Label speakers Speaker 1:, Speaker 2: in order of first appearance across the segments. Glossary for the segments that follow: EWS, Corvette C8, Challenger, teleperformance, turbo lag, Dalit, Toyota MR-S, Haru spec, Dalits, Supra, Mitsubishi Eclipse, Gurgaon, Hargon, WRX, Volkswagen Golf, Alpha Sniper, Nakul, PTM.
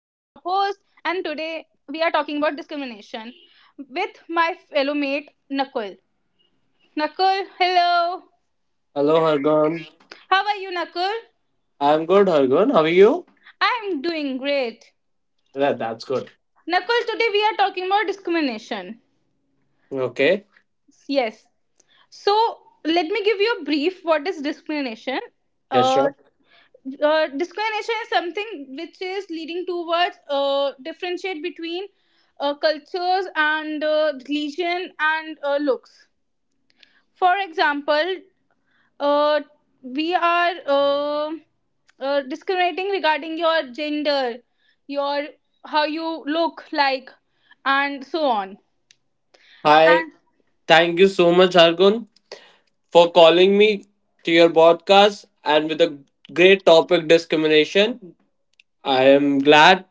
Speaker 1: and today we are talking about discrimination with my fellow mate Nakul. Nakul, hello.
Speaker 2: Hello, Hargon,
Speaker 1: How are you, Nakul?
Speaker 2: I'm good, Hargon. How are you?
Speaker 1: I am doing great.
Speaker 2: Yeah, that's good.
Speaker 1: Nakul, today we are talking about discrimination.
Speaker 2: Okay.
Speaker 1: Yes. So let me give you a brief what is discrimination.
Speaker 2: Yeah,
Speaker 1: Uh,
Speaker 2: sure.
Speaker 1: discrimination is something which is leading towards differentiate between cultures and religion and looks. For example, uh, we are discriminating regarding your gender, your how you look like, and so on.
Speaker 2: Hi.
Speaker 1: And
Speaker 2: Thank you so much, Hargon, for calling me to your podcast and with a great topic discrimination. I am glad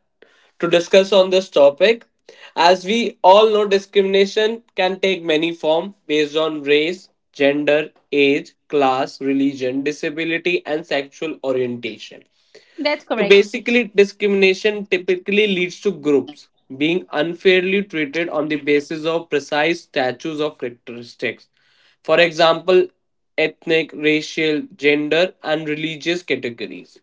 Speaker 2: to discuss on this topic. As we all know, discrimination can take many forms based on race, gender, age, class, religion, disability, and sexual orientation.
Speaker 1: that's
Speaker 2: So
Speaker 1: correct.
Speaker 2: basically, discrimination typically leads to groups being unfairly treated on the basis of precise statues of characteristics. For example, ethnic, racial, gender, and religious categories.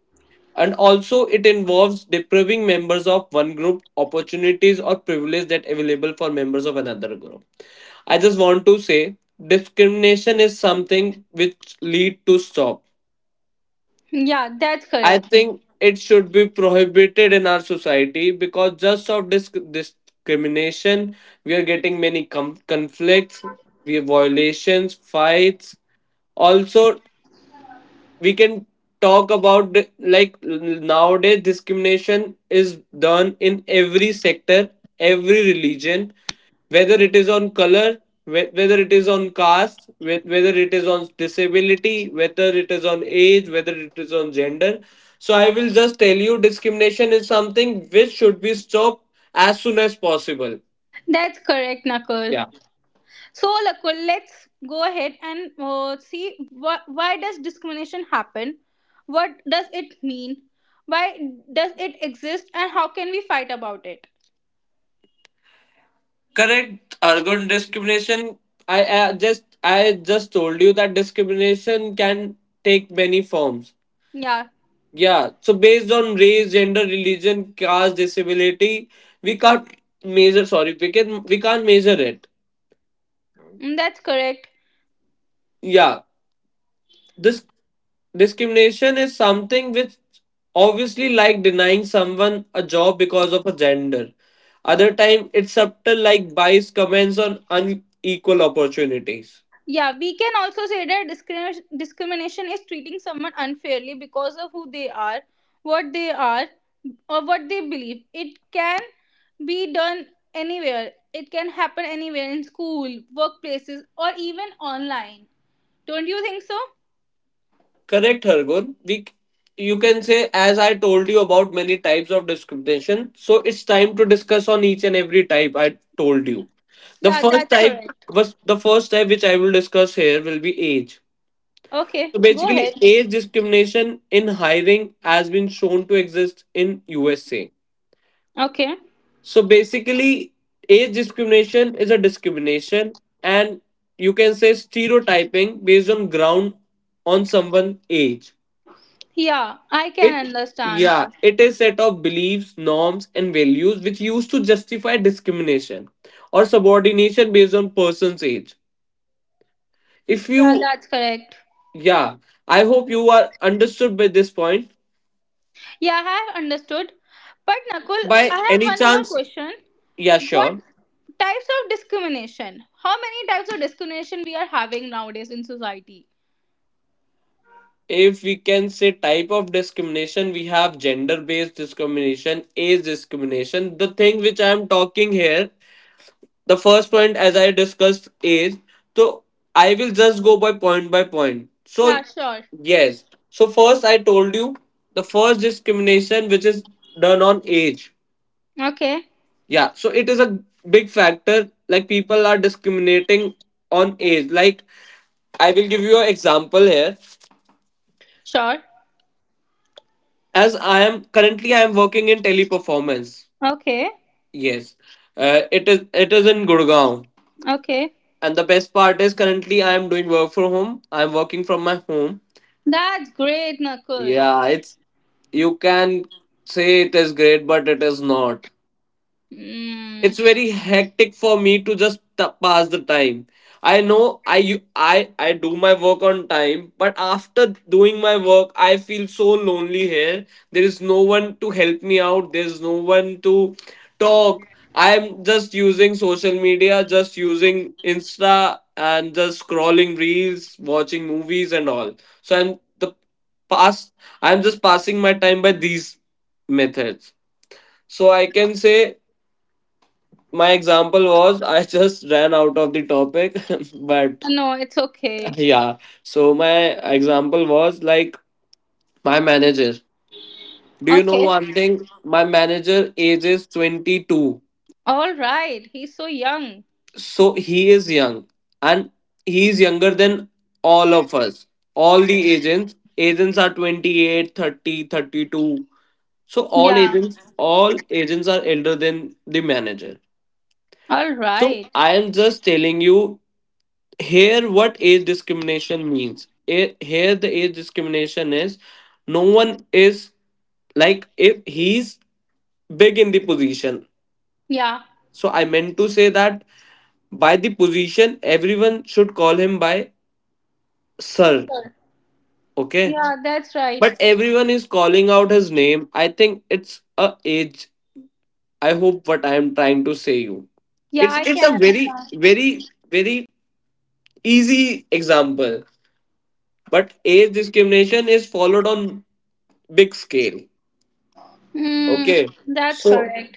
Speaker 2: And also, it involves depriving members of one group opportunities or privilege that available for members of another group. I just want to say discrimination is something which lead to stop.
Speaker 1: Yeah, that's
Speaker 2: I
Speaker 1: correct.
Speaker 2: think it should be prohibited in our society because just of discrimination, we are getting many conflicts, we have violations, fights. Also, we can talk about like nowadays discrimination is done in every sector, every religion, whether it is on color, whether it is on caste, whether it is on disability, whether it is on age, whether it is on gender. So I will just tell you discrimination is something which should be stopped as soon as possible.
Speaker 1: That's correct, Nakul.
Speaker 2: Yeah.
Speaker 1: So, Lakul, let's go ahead and see why does discrimination happen? What does it mean? Why does it exist? And how can we fight about it?
Speaker 2: Correct, Argun. Discrimination. I just told you that discrimination can take many forms.
Speaker 1: Yeah,
Speaker 2: Yeah. So based on race, gender, religion, caste, disability, we can't measure. Sorry, we can't measure it.
Speaker 1: mm, that's correct.
Speaker 2: Yeah. This discrimination is something which obviously like denying someone a job because of a gender. Other time it's subtle like bias comments on unequal opportunities.
Speaker 1: Yeah, we can also say that discrimination is treating someone unfairly because of who they are, what they are, or what they believe. It can be done anywhere. It can happen anywhere in school, workplaces, or even online. Don't you think so?
Speaker 2: Correct, Hargun. We, you can say, as I told you about many types of discrimination, so it's time to discuss on each and every type I told you. The
Speaker 1: Yeah,
Speaker 2: first
Speaker 1: that's
Speaker 2: type
Speaker 1: correct.
Speaker 2: the first type which I will discuss here will be age.
Speaker 1: Okay,
Speaker 2: So
Speaker 1: go
Speaker 2: basically,
Speaker 1: ahead.
Speaker 2: age discrimination in hiring has been shown to exist in USA.
Speaker 1: Okay.
Speaker 2: So basically, age discrimination is a discrimination and you can say stereotyping based on ground on someone's age.
Speaker 1: Yeah, I can
Speaker 2: It
Speaker 1: understand.
Speaker 2: yeah, it is set of beliefs, norms, and values which used to justify discrimination or subordination based on person's age. If
Speaker 1: Yeah,
Speaker 2: you
Speaker 1: that's correct.
Speaker 2: yeah, I hope you are understood by this point.
Speaker 1: Yeah, I have understood. But Nakul,
Speaker 2: By
Speaker 1: I
Speaker 2: any
Speaker 1: have one more
Speaker 2: chance,
Speaker 1: question.
Speaker 2: yeah,
Speaker 1: What
Speaker 2: sure.
Speaker 1: types of discrimination? How many types of discrimination we are having nowadays in society?
Speaker 2: If we can say type of discrimination, we have gender based discrimination, age discrimination. The thing which I am talking here, the first point, as I discussed, is, so I will just go by point by point. So,
Speaker 1: Yeah, sure.
Speaker 2: yes. So, first, I told you the first discrimination, which is done on age.
Speaker 1: Okay,
Speaker 2: Yeah. So, it is a big factor. Like, people are discriminating on age. Like, I will give you an example here.
Speaker 1: sure.
Speaker 2: As I am currently, I am working in teleperformance.
Speaker 1: Okay,
Speaker 2: Yes, it is. It is in Gurgaon,
Speaker 1: okay.
Speaker 2: and the best part is currently I am doing work from home. I am working from my home.
Speaker 1: That's great, Nakul.
Speaker 2: Yeah, it's, you can say it is great, but it is not, it's
Speaker 1: Mm,
Speaker 2: very hectic for me to just pass the time. I know I do my work on time, but after doing my work I feel so lonely here. There is no one to help me out, there's no one to talk. I'm just using social media, just using insta and just scrolling reels, watching movies and all. So I'm the past I'm just passing my time by these methods. So I can say my example was, I just ran out of the topic, but
Speaker 1: no, it's okay.
Speaker 2: yeah. So my example was like my manager. Do you know
Speaker 1: Okay.
Speaker 2: one thing? My manager age is 22.
Speaker 1: All right. He's so young.
Speaker 2: So he is young and he is younger than all of us. All the agents are 28, 30, 32. So all
Speaker 1: Yeah.
Speaker 2: agents all agents are elder than the manager.
Speaker 1: All
Speaker 2: So
Speaker 1: right.
Speaker 2: I am just telling you here what age discrimination means it, here the age discrimination is no one is like if he's big in the position.
Speaker 1: Yeah.
Speaker 2: So I meant to say that by the position everyone should call him by sir, okay?
Speaker 1: Yeah, that's right.
Speaker 2: But everyone is calling out his name. I think it's a age. I hope what I am trying to say you,
Speaker 1: Yeah, I
Speaker 2: it's a
Speaker 1: can
Speaker 2: very
Speaker 1: understand.
Speaker 2: very very easy example. But age discrimination is followed on big scale.
Speaker 1: Mm,
Speaker 2: Okay.
Speaker 1: that's
Speaker 2: So
Speaker 1: correct.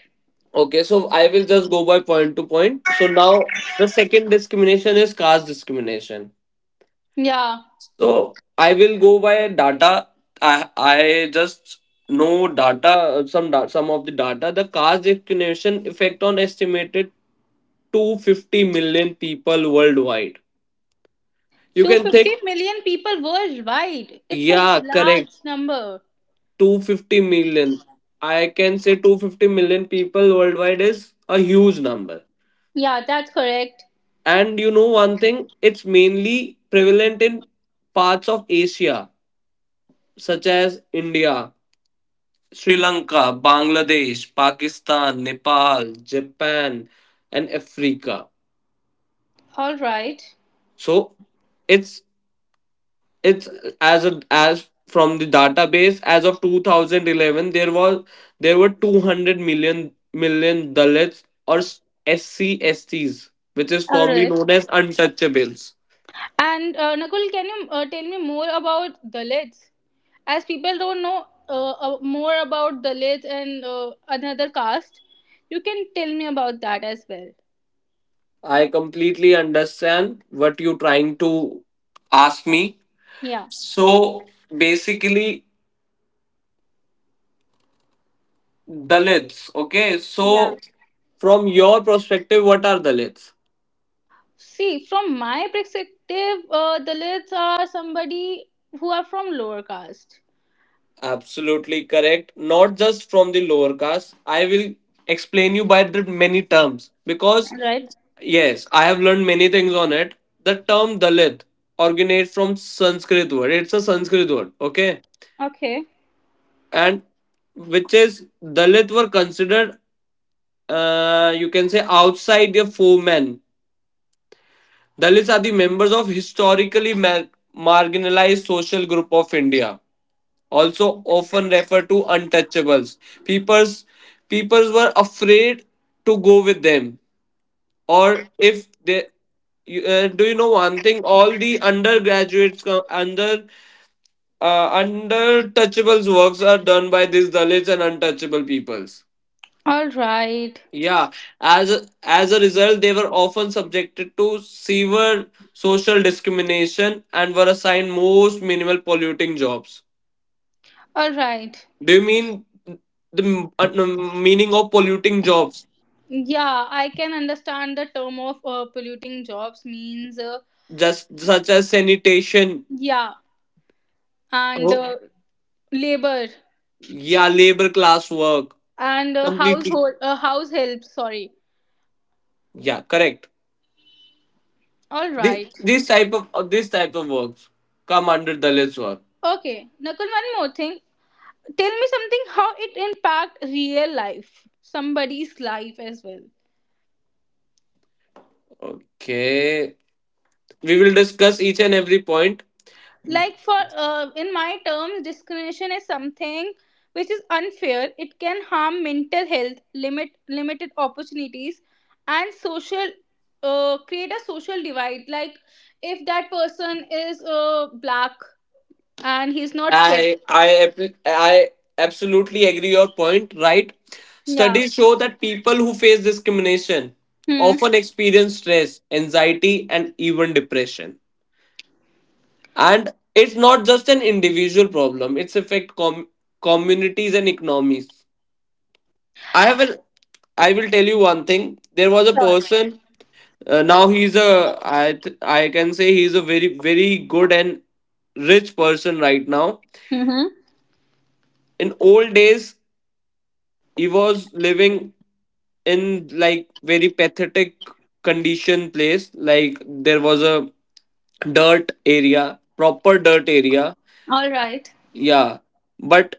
Speaker 2: okay, so I will just go by point to point. So now the second discrimination is caste discrimination.
Speaker 1: Yeah.
Speaker 2: So I will go by data. I just know data, some of the data. The caste discrimination effect on estimated 250 million people worldwide. You can think,
Speaker 1: 250 million people worldwide. It's a
Speaker 2: yeah, correct.
Speaker 1: large number.
Speaker 2: 250 million. I can say 250 million people worldwide is a huge number.
Speaker 1: Yeah, that's correct.
Speaker 2: And you know one thing, it's mainly prevalent in parts of Asia, such as India, Sri Lanka, Bangladesh, Pakistan, Nepal, Japan, and Africa.
Speaker 1: All right.
Speaker 2: So it's it's as a, as from the database as of 2011, there were 200 million dalits or sc sts, which is
Speaker 1: All
Speaker 2: formerly
Speaker 1: right.
Speaker 2: known as untouchables.
Speaker 1: And Nakul, can you tell me more about Dalits? As people don't know more about Dalits and another caste, you can tell me about that as well.
Speaker 2: I completely understand what you're trying to ask me.
Speaker 1: Yeah.
Speaker 2: So basically, dalits, okay, so from your perspective what are dalits?
Speaker 1: See, from my perspective, Dalits are somebody who are from lower caste,
Speaker 2: Absolutely correct. Not just from the lower caste. I will explain you by the many terms because
Speaker 1: right?
Speaker 2: yes, I have learned many things on it. The term Dalit originates from Sanskrit word. It's a Sanskrit word, okay?
Speaker 1: Okay.
Speaker 2: And which is Dalit were considered, you can say outside the foemen. Dalits are the members of historically marginalized social group of India, also often referred to untouchables. Peoples peoples were afraid to go with them, or if they. You, do you know one thing? All the undergraduates under touchables works are done by these Dalits and untouchable peoples.
Speaker 1: All right.
Speaker 2: Yeah, as a result, they were often subjected to severe social discrimination and were assigned most minimal polluting jobs.
Speaker 1: All right.
Speaker 2: Do you mean the meaning of polluting jobs,
Speaker 1: Yeah, I can understand the term of polluting jobs means
Speaker 2: just such as sanitation?
Speaker 1: yeah, and
Speaker 2: Oh.
Speaker 1: labor
Speaker 2: Yeah, labor class work.
Speaker 1: and
Speaker 2: Completely.
Speaker 1: household house help. Sorry.
Speaker 2: Yeah, correct.
Speaker 1: All
Speaker 2: This
Speaker 1: right.
Speaker 2: this type of uh, this type of works come under Dalits work.
Speaker 1: Okay. Nakul, one more thing. Tell me something how it impact real life, somebody's life as well.
Speaker 2: Okay, we will discuss each and every point.
Speaker 1: Like for in my terms discrimination is something which is unfair. It can harm mental health, limited opportunities, and social, create a social divide. Like if that person is black and he's not fit.
Speaker 2: I absolutely agree your point. Right,
Speaker 1: Yeah.
Speaker 2: studies show that people who face discrimination
Speaker 1: Hmm.
Speaker 2: often experience stress, anxiety, and even depression. And it's not just an individual problem, it's affect communities and economies. I have an I will tell you one thing. There was a
Speaker 1: Sure.
Speaker 2: person, now he's a I can say he's a very good and rich person right now.
Speaker 1: Mm-hmm.
Speaker 2: In old days he was living in like very pathetic condition place, like there was a dirt area, proper dirt area.
Speaker 1: All right.
Speaker 2: Yeah, but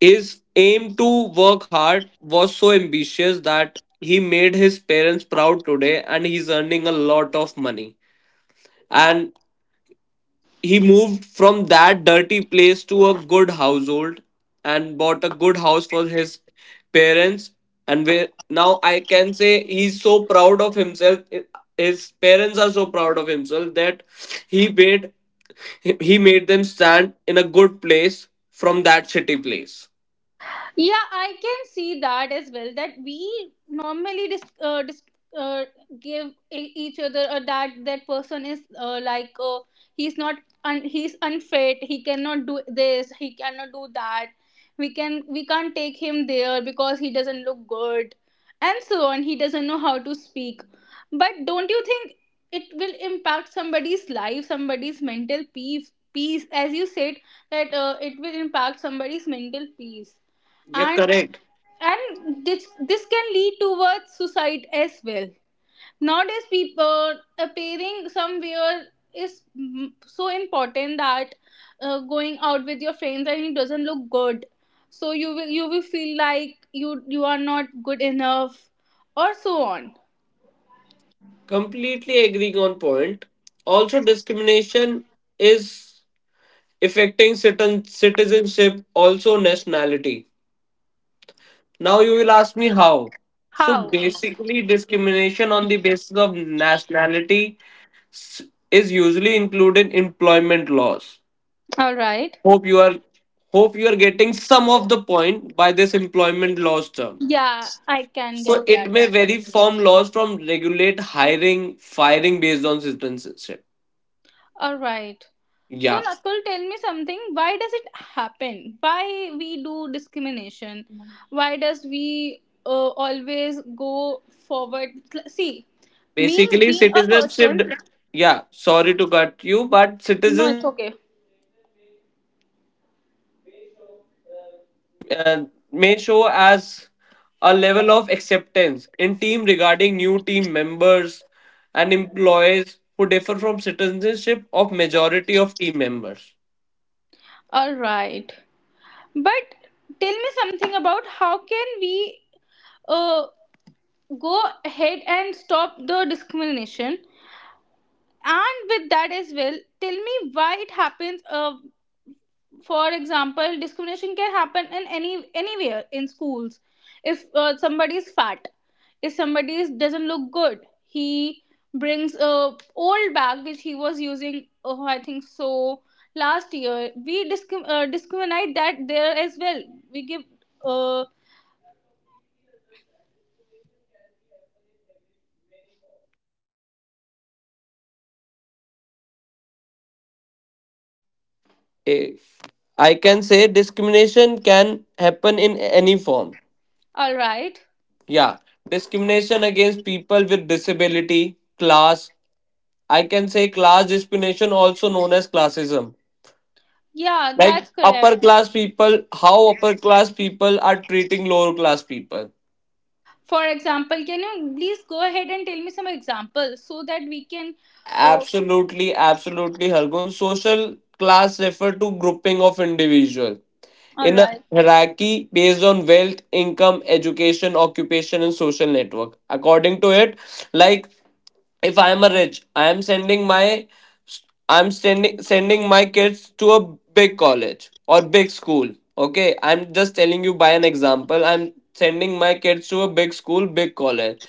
Speaker 2: his aim to work hard was so ambitious that he made his parents proud today and he's earning a lot of money. And he moved from that dirty place to a good household and bought a good house for his parents. And now I can say he's so proud of himself. His parents are so proud of himself that he made he made them stand in a good place from that shitty place.
Speaker 1: Yeah, I can see that as well. That we normally uh, give each other that that person is like he's not un- he's unfit. He cannot do this. He cannot do that. We can't take him there because he doesn't look good, and so on. He doesn't know how to speak. But don't you think it will impact somebody's life, somebody's mental peace? Peace, as you said, that it will impact somebody's mental peace,
Speaker 2: Yeah,
Speaker 1: and
Speaker 2: correct.
Speaker 1: this can lead towards suicide as well. Nowadays people appearing somewhere is, mm, so important that, going out with your friends and it doesn't look good, so you will, you will feel like you are not good enough, or so on.
Speaker 2: Completely agreeing on point. Also, discrimination is affecting citizenship also nationality. Now you will ask me how. So
Speaker 1: How?
Speaker 2: basically, discrimination on the basis of nationality s- is usually included in employment laws.
Speaker 1: All right.
Speaker 2: hope you are hope you are getting some of the point by this employment laws term.
Speaker 1: Yeah, I can
Speaker 2: So
Speaker 1: get
Speaker 2: it
Speaker 1: that
Speaker 2: may
Speaker 1: as well.
Speaker 2: vary from laws from regulate hiring, firing based on citizenship.
Speaker 1: All right. So,
Speaker 2: Yeah.
Speaker 1: Nakul, tell me something. Why does it happen? Why we do discrimination? Why does we always go forward? See, me
Speaker 2: Basically,
Speaker 1: being a
Speaker 2: citizenship.
Speaker 1: person.
Speaker 2: Yeah, sorry to cut you, but
Speaker 1: No,
Speaker 2: citizenship
Speaker 1: it's okay.
Speaker 2: and may show as a level of acceptance in team regarding new team members and employees who differ from citizenship of majority of team members.
Speaker 1: All right. But tell me something about how can we uh, go ahead and stop the discrimination? And with that as well, tell me why it happens. For example, discrimination can happen in any anywhere in schools. If somebody is fat, if somebody is, doesn't look good, he brings a old bag which he was using. Oh, I think so last year we discriminate that there as well. We give uh,
Speaker 2: Yeah, completely understand discrimination can be happen in every many forms. i eh, I can say discrimination can happen in any form.
Speaker 1: all right.
Speaker 2: Yeah, discrimination against people with disability class. I can say class discrimination also known as classism,
Speaker 1: Yeah,
Speaker 2: like
Speaker 1: that's
Speaker 2: upper
Speaker 1: correct.
Speaker 2: class people, how upper class people are treating lower class people.
Speaker 1: For example, can you please go ahead and tell me some examples so that we can uh,
Speaker 2: Absolutely, absolutely, Hargun. Social class refer to grouping of individual
Speaker 1: all
Speaker 2: in a
Speaker 1: right.
Speaker 2: hierarchy based on wealth, income, education, occupation, and social network. According to it, like if I am a rich, I am sending my, I'm sending my kids to a big college or big school. Okay, I'm just telling you by an example. I'm sending my kids to a big school, big college.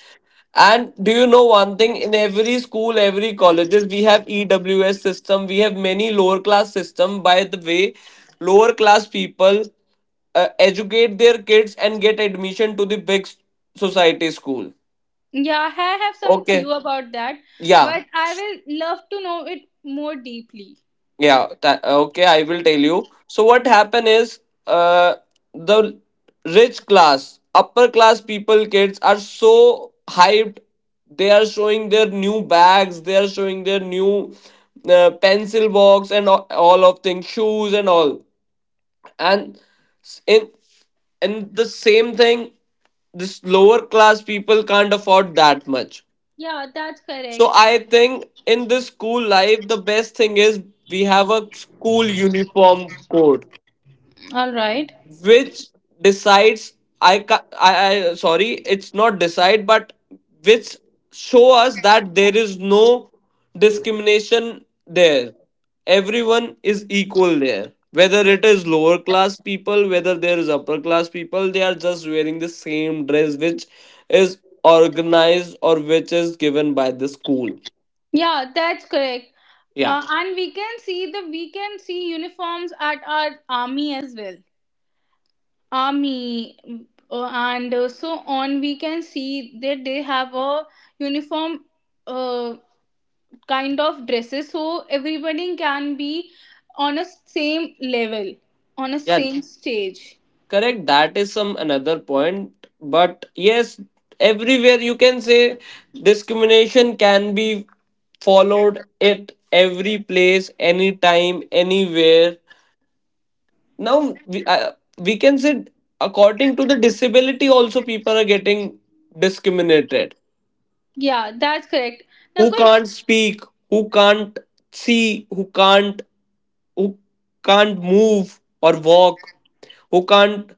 Speaker 2: And do you know one thing? In every school, every colleges, we have EWS system. We have many lower class system. By the way, lower class people educate their kids and get admission to the society school.
Speaker 1: Yeah, I have some clue
Speaker 2: Okay,
Speaker 1: about that,
Speaker 2: yeah.
Speaker 1: but I will love to know it more deeply.
Speaker 2: Okay, I will tell you. So what happen is uh the rich class, upper class people, kids are so hyped. They are showing their new bags, they are showing their new pencil box and all of things, shoes and all. And s- in and the same thing, this lower class people can't afford that much.
Speaker 1: Yeah, that's
Speaker 2: So
Speaker 1: correct.
Speaker 2: I think in this school life, the best thing is we have a school uniform code,
Speaker 1: All right.
Speaker 2: which decides I sorry, it's not decide, but which show us that there is no discrimination there. Everyone is equal there. Whether it is lower class people, whether there is upper class people, they are just wearing the same dress which is organized or which is given by the school.
Speaker 1: Yeah, that's correct.
Speaker 2: Yeah.
Speaker 1: And we can see the, we can see uniforms at our army as well. Army and so on. We can see that they have a uniform, uh, kind of dresses, so everybody can be on a same level, on a
Speaker 2: Yeah,
Speaker 1: same stage.
Speaker 2: correct. That is some another point. But yes, everywhere you can say discrimination can be followed at every place, anytime, anywhere. Now, we can say according to the disability, also people are getting discriminated.
Speaker 1: Yeah, that's correct.
Speaker 2: Who
Speaker 1: Nakul,
Speaker 2: can't speak, who can't see, who can't move or walk, who can't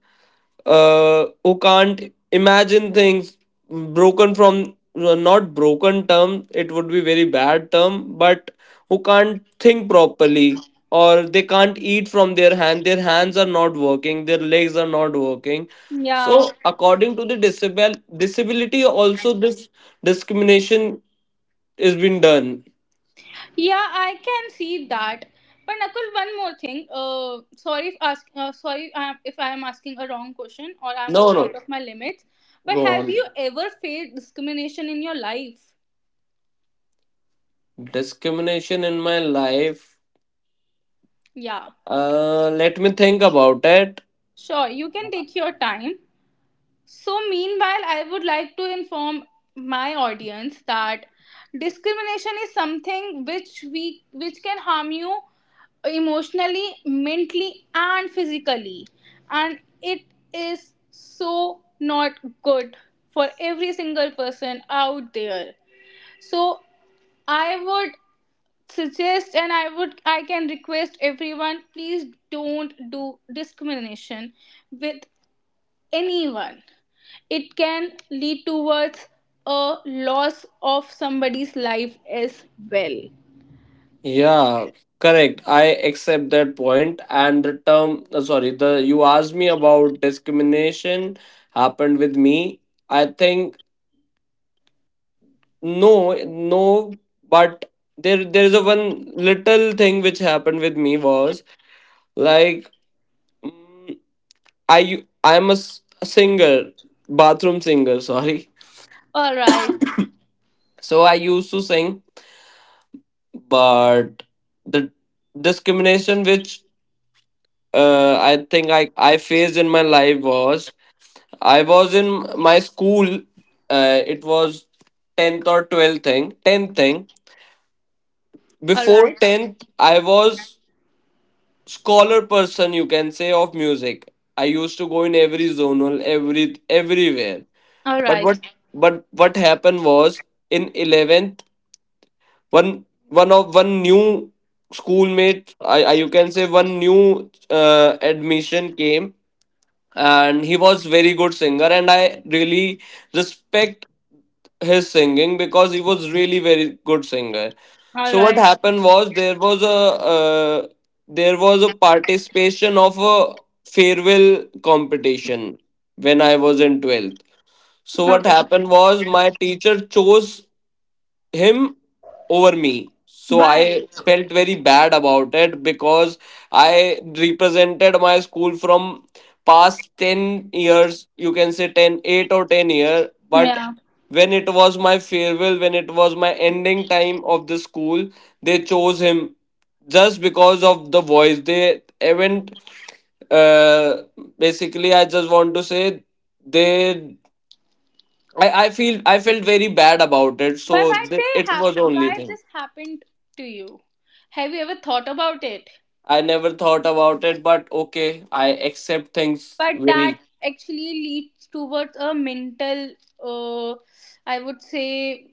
Speaker 2: who can't imagine things, broken from not broken, term it would be very bad term, but who can't think properly, or they can't eat from their hand, their hands are not working, their legs are not working. So
Speaker 1: yeah,
Speaker 2: according to the disability also, this discrimination is being done.
Speaker 1: yeah, I can see that. But Nakul, one more thing. Sorry if ask, sorry if I am asking a wrong question or I'm
Speaker 2: No,
Speaker 1: going out
Speaker 2: no,
Speaker 1: of my limits. But
Speaker 2: go
Speaker 1: have
Speaker 2: on.
Speaker 1: you ever faced discrimination in your life?
Speaker 2: Discrimination in my life,
Speaker 1: Yeah,
Speaker 2: let me think about it.
Speaker 1: sure. You can take your time. So, meanwhile, I would like to inform my audience that discrimination is something which can harm you emotionally, mentally, and physically. And it is so not good for every single person out there. So I would suggest, and I can request everyone, please don't do discrimination with anyone. It can lead towards a loss of somebody's life as well.
Speaker 2: Yeah, correct. I accept that point. And the term, sorry, the you asked me about discrimination happened with me. I think no, no, but there is a one little thing which happened with me was like, mm, I'm a singer, bathroom singer. Sorry,
Speaker 1: All right.
Speaker 2: so I used to sing, but the discrimination which I think I faced in my life was I was in my school. It was tenth or 12th thing, tenth thing.
Speaker 1: All
Speaker 2: Before
Speaker 1: right.
Speaker 2: tenth, I was scholar person. You can say of music. I used to go in every zonal, every everywhere.
Speaker 1: All
Speaker 2: But
Speaker 1: right.
Speaker 2: what but what happened was in 11th, one new schoolmate. I You can say one new admission came, and he was very good singer, and I really respect his singing because he was really very good singer.
Speaker 1: All
Speaker 2: So what
Speaker 1: right.
Speaker 2: happened was there was a participation of a farewell competition when I was in 12th. So what
Speaker 1: Okay.
Speaker 2: happened was my teacher chose him over me. So I
Speaker 1: Why?
Speaker 2: felt very bad about it because I represented my school from past 10 years, you can say ten, eight or 10 year. But
Speaker 1: Yeah.
Speaker 2: when it was my farewell, when it was my ending time of the school, they chose him just because of the voice. They haven't, uh, basically, I just want to say they I felt very bad about it,
Speaker 1: Why?
Speaker 2: so
Speaker 1: Why
Speaker 2: it
Speaker 1: they have?
Speaker 2: was only
Speaker 1: Why
Speaker 2: thing.
Speaker 1: this happened to you? Have you ever thought about it?
Speaker 2: I never thought about it, but okay, I accept things
Speaker 1: But that
Speaker 2: very.
Speaker 1: actually leads towards a mental, uh, I would say,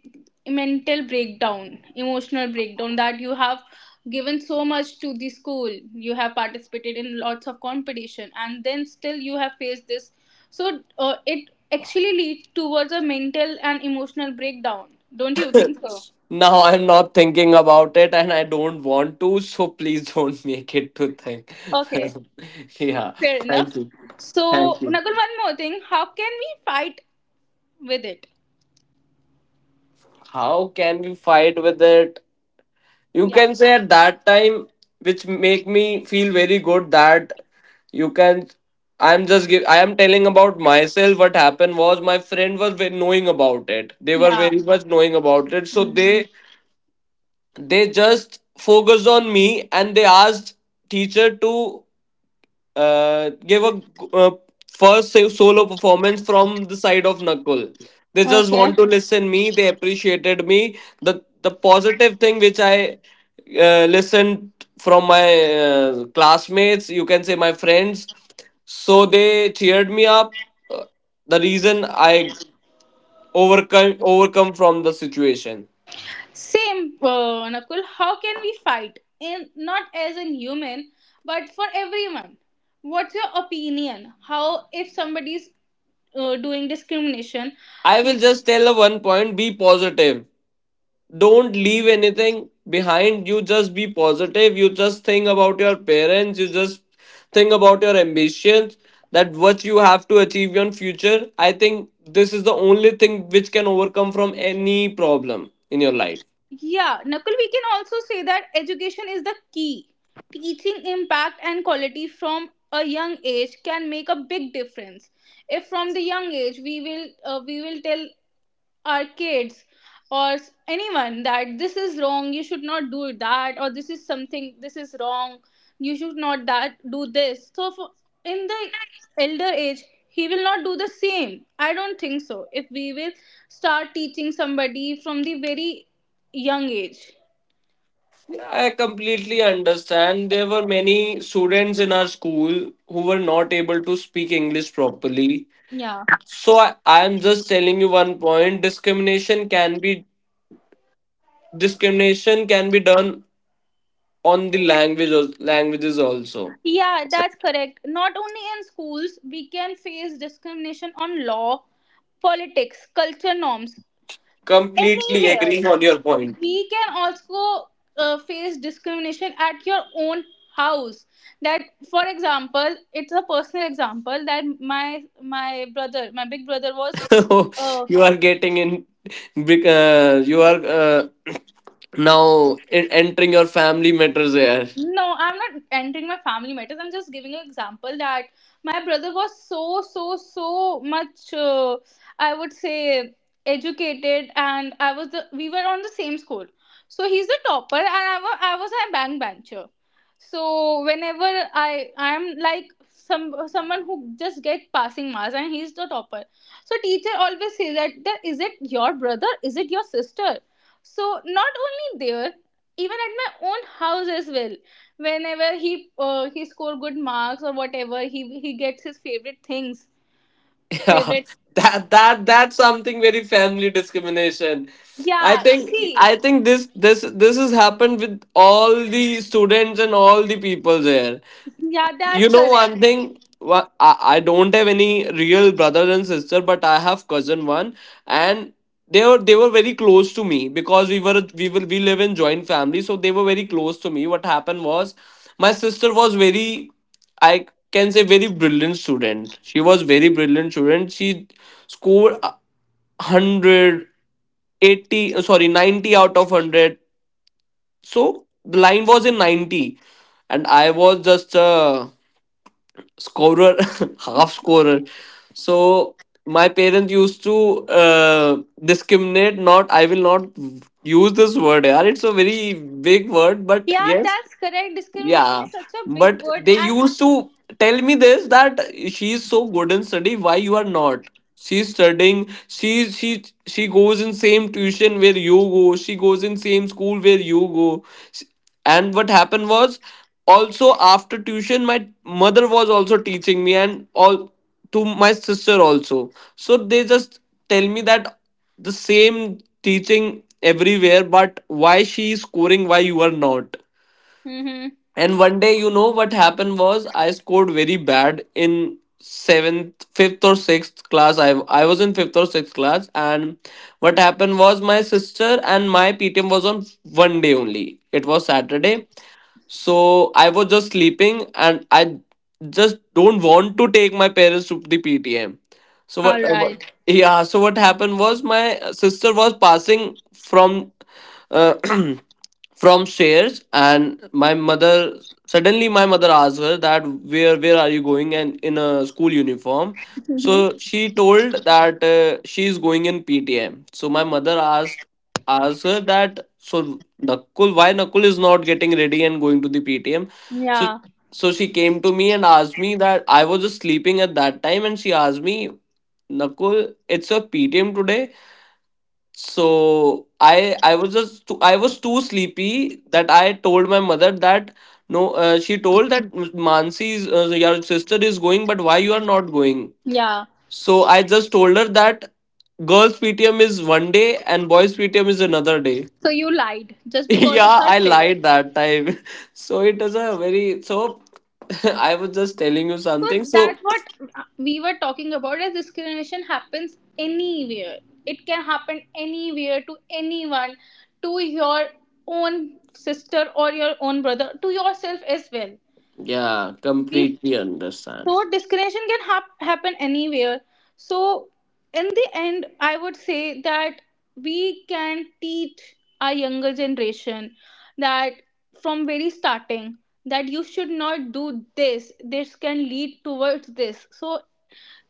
Speaker 1: mental breakdown, emotional breakdown. That you have given so much to the school, you have participated in lots of competition, and then still you have faced this. So it actually leads towards a mental and emotional breakdown. Don't you think so?
Speaker 2: Now I'm not thinking about it, and I don't want to. So please don't make it to think.
Speaker 1: Okay.
Speaker 2: Yeah,
Speaker 1: Fair enough.
Speaker 2: thank you,
Speaker 1: So,
Speaker 2: thank you.
Speaker 1: Nakul, one more thing. How can we fight with it?
Speaker 2: How can we fight with it? You
Speaker 1: Yeah.
Speaker 2: can say at that time which make me feel very good that you can I'm just give I am telling about myself. What happened was my friend was knowing about it, they were
Speaker 1: Yeah.
Speaker 2: very much knowing about it, so they just focused on me and they asked teacher to gave a uh, first solo performance from the side of Nakul. They just
Speaker 1: Okay.
Speaker 2: want to listen me. They appreciated me. The positive thing which I listened from my classmates, you can say my friends. So they cheered me up. Uh, The reason I overcome from the situation.
Speaker 1: Same, Nakul. How can we fight? In not as an human, but for everyone. What's your opinion? How if somebody's doing discrimination?
Speaker 2: I will just tell a one point: be positive. Don't leave anything behind, you just be positive, you just think about your parents, you just think about your ambitions, that what you have to achieve in future. I think this is the only thing which can overcome from any problem in your life.
Speaker 1: Yeah, Nakul, we can also say that education is the key. Teaching impact and quality from a young age can make a big difference. If from the young age we will tell our kids or anyone that this is wrong, you should not do that, or this is something, this is wrong, you should not that do this, so for, in the elder age, he will not do the same. I don't think so. If we will start teaching somebody from the very young age.
Speaker 2: Yeah, I completely understand, there were many students in our school who were not able to speak English properly.
Speaker 1: Yeah.
Speaker 2: So I am just telling you one point, discrimination can be done on the language, languages also.
Speaker 1: Yeah, that's correct. Not only in schools, we can face discrimination on law, politics, culture, norms,
Speaker 2: Completely
Speaker 1: anywhere.
Speaker 2: agreeing on your point.
Speaker 1: We can also face discrimination at your own house. That, for example, it's a personal example that my brother, my big brother, was uh,
Speaker 2: You are getting in. You are now entering your family matters there.
Speaker 1: no, I'm not entering my family matters. I'm just giving an example that my brother was so, so, so much, I would say, educated, and I was the we were on the same school. So he's a topper, and I was a bankbencher. So whenever I am like some someone who just gets passing marks, and he's the topper. So teacher always says that, that is it your brother? Is it your sister? So not only there, even at my own house as well, whenever he score good marks, or whatever he gets his favorite things,
Speaker 2: Yeah,
Speaker 1: favorite.
Speaker 2: that's something very family discrimination.
Speaker 1: Yeah, see.
Speaker 2: I think this has happened with all the students and all the people there.
Speaker 1: Yeah, that's
Speaker 2: You know
Speaker 1: correct.
Speaker 2: one thing, I don't have any real brother and sister, but I have cousin one, and they were very close to me because we were we will we live in joint family, so they were very close to me. What happened was, my sister was very, I can say very brilliant student. She was very brilliant student. She scored a hundred eighty, sorry, 90 out of 100. So the line was in 90, and I was just a scorer, half scorer. So my parents used to discriminate. Not, I will not use this word. Yeah, it's a very big word, but
Speaker 1: Yeah,
Speaker 2: yes,
Speaker 1: that's correct. Discrimination
Speaker 2: yeah,
Speaker 1: is such a big
Speaker 2: but
Speaker 1: word,
Speaker 2: they
Speaker 1: and
Speaker 2: used to tell me this that she is so good in study. Why you are not? She's studying. She goes in same tuition where you go. She goes in same school where you go. S- And what happened was also after tuition, my mother was also teaching me and all, to my sister also. So they just tell me that the same teaching everywhere, but why she is scoring, why you are not.
Speaker 1: mm-hmm.
Speaker 2: And one day, you know what happened was I scored very bad in seventh, fifth or sixth class. I was in fifth or sixth class, and what happened was my sister and my PTM was on one day only. It was Saturday, so I was just sleeping, and I just don't want to take my parents to the PTM. So what?
Speaker 1: All right.
Speaker 2: Yeah. So what happened was my sister was passing from. Uh, from stairs, and my mother, suddenly my mother asked her that where are you going and in a school uniform. So
Speaker 1: Mhm.
Speaker 2: she told that she is going in PTM. So my mother asked her that, so Nakul, why Nakul is not getting ready and going to the PTM. So
Speaker 1: Yeah.
Speaker 2: so she came to me and asked me that, I was just sleeping at that time, and she asked me, Nakul, it's a PTM today. So I was just too, I was too sleepy that I told my mother that no, she told that Mansi's your sister is going, but why you are not going.
Speaker 1: Yeah.
Speaker 2: So I just told her that girls PTM is one day and boys PTM is another day.
Speaker 1: So you lied just because of
Speaker 2: Yeah,
Speaker 1: her
Speaker 2: I
Speaker 1: fear.
Speaker 2: lied that time. So it is a very, so I was just telling you
Speaker 1: So
Speaker 2: something. So
Speaker 1: that's what we were talking about, as discrimination happens anywhere. It can happen anywhere to anyone, to your own sister or your own brother, to yourself as well.
Speaker 2: yeah,
Speaker 1: We,
Speaker 2: completely understand.
Speaker 1: so discrimination can happen anywhere. So in the end, I would say that we can teach our younger generation that, from very starting, that you should not do this, this can lead towards this, so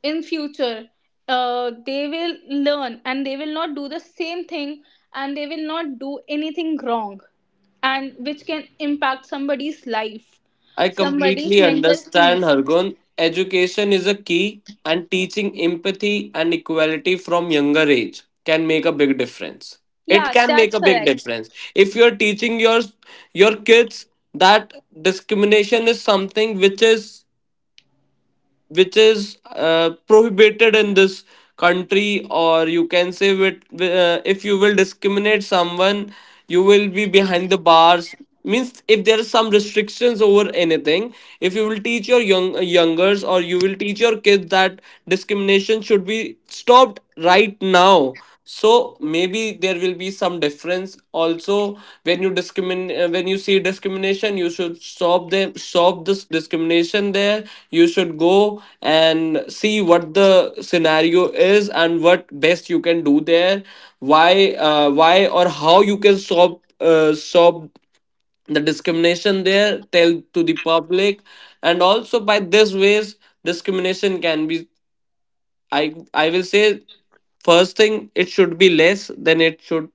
Speaker 1: in future, they will learn and they will not do the same thing, and they will not do anything wrong, and which can impact somebody's life,
Speaker 2: I
Speaker 1: somebody's
Speaker 2: completely
Speaker 1: mental
Speaker 2: understand,
Speaker 1: peace.
Speaker 2: Hargun. Education is a key, and teaching empathy and equality from younger age can make a big difference. It
Speaker 1: Yeah,
Speaker 2: can
Speaker 1: that's
Speaker 2: make a big
Speaker 1: correct.
Speaker 2: difference. If you're teaching your kids that discrimination is something which is prohibited in this country, or you can say with, if you will discriminate someone, you will be behind the bars, means if there are some restrictions over anything. If you will teach your young youngers, or you will teach your kids that discrimination should be stopped right now, so maybe there will be some difference also. When you discriminate, when you see discrimination, you should stop them, stop this discrimination there. You should go and see what the scenario is and what best you can do there. Why or how you can stop the discrimination there, tell to the public. And also by this ways, discrimination can be, I will say, first thing, it should be less than it should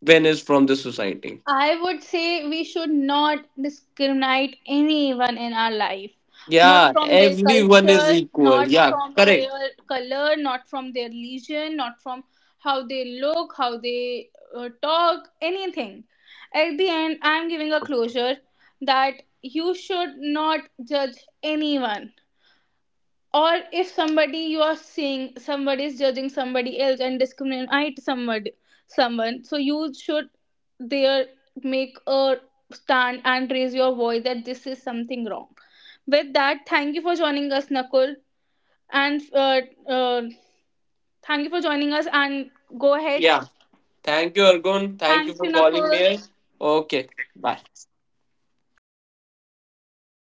Speaker 2: when is from the society.
Speaker 1: I would say we should not discriminate anyone in our life. Not
Speaker 2: Yeah,
Speaker 1: from their
Speaker 2: everyone is
Speaker 1: culture,
Speaker 2: equal.
Speaker 1: not
Speaker 2: Yeah,
Speaker 1: from their
Speaker 2: correct.
Speaker 1: color, not from their religion, not from how they look, how they talk, anything. At the end, I'm giving a closure that you should not judge anyone, or if somebody, you are seeing somebody is judging somebody else and discriminate somebody, someone, so you should there make a stand and raise your voice that this is something wrong. With that, thank you for joining us, Nakul, and uh, thank you for joining us, and go ahead.
Speaker 2: Yeah. Thank you, Argun. Thank you
Speaker 1: Thank you,
Speaker 2: for calling me.
Speaker 1: Nakul.
Speaker 2: Okay. Bye.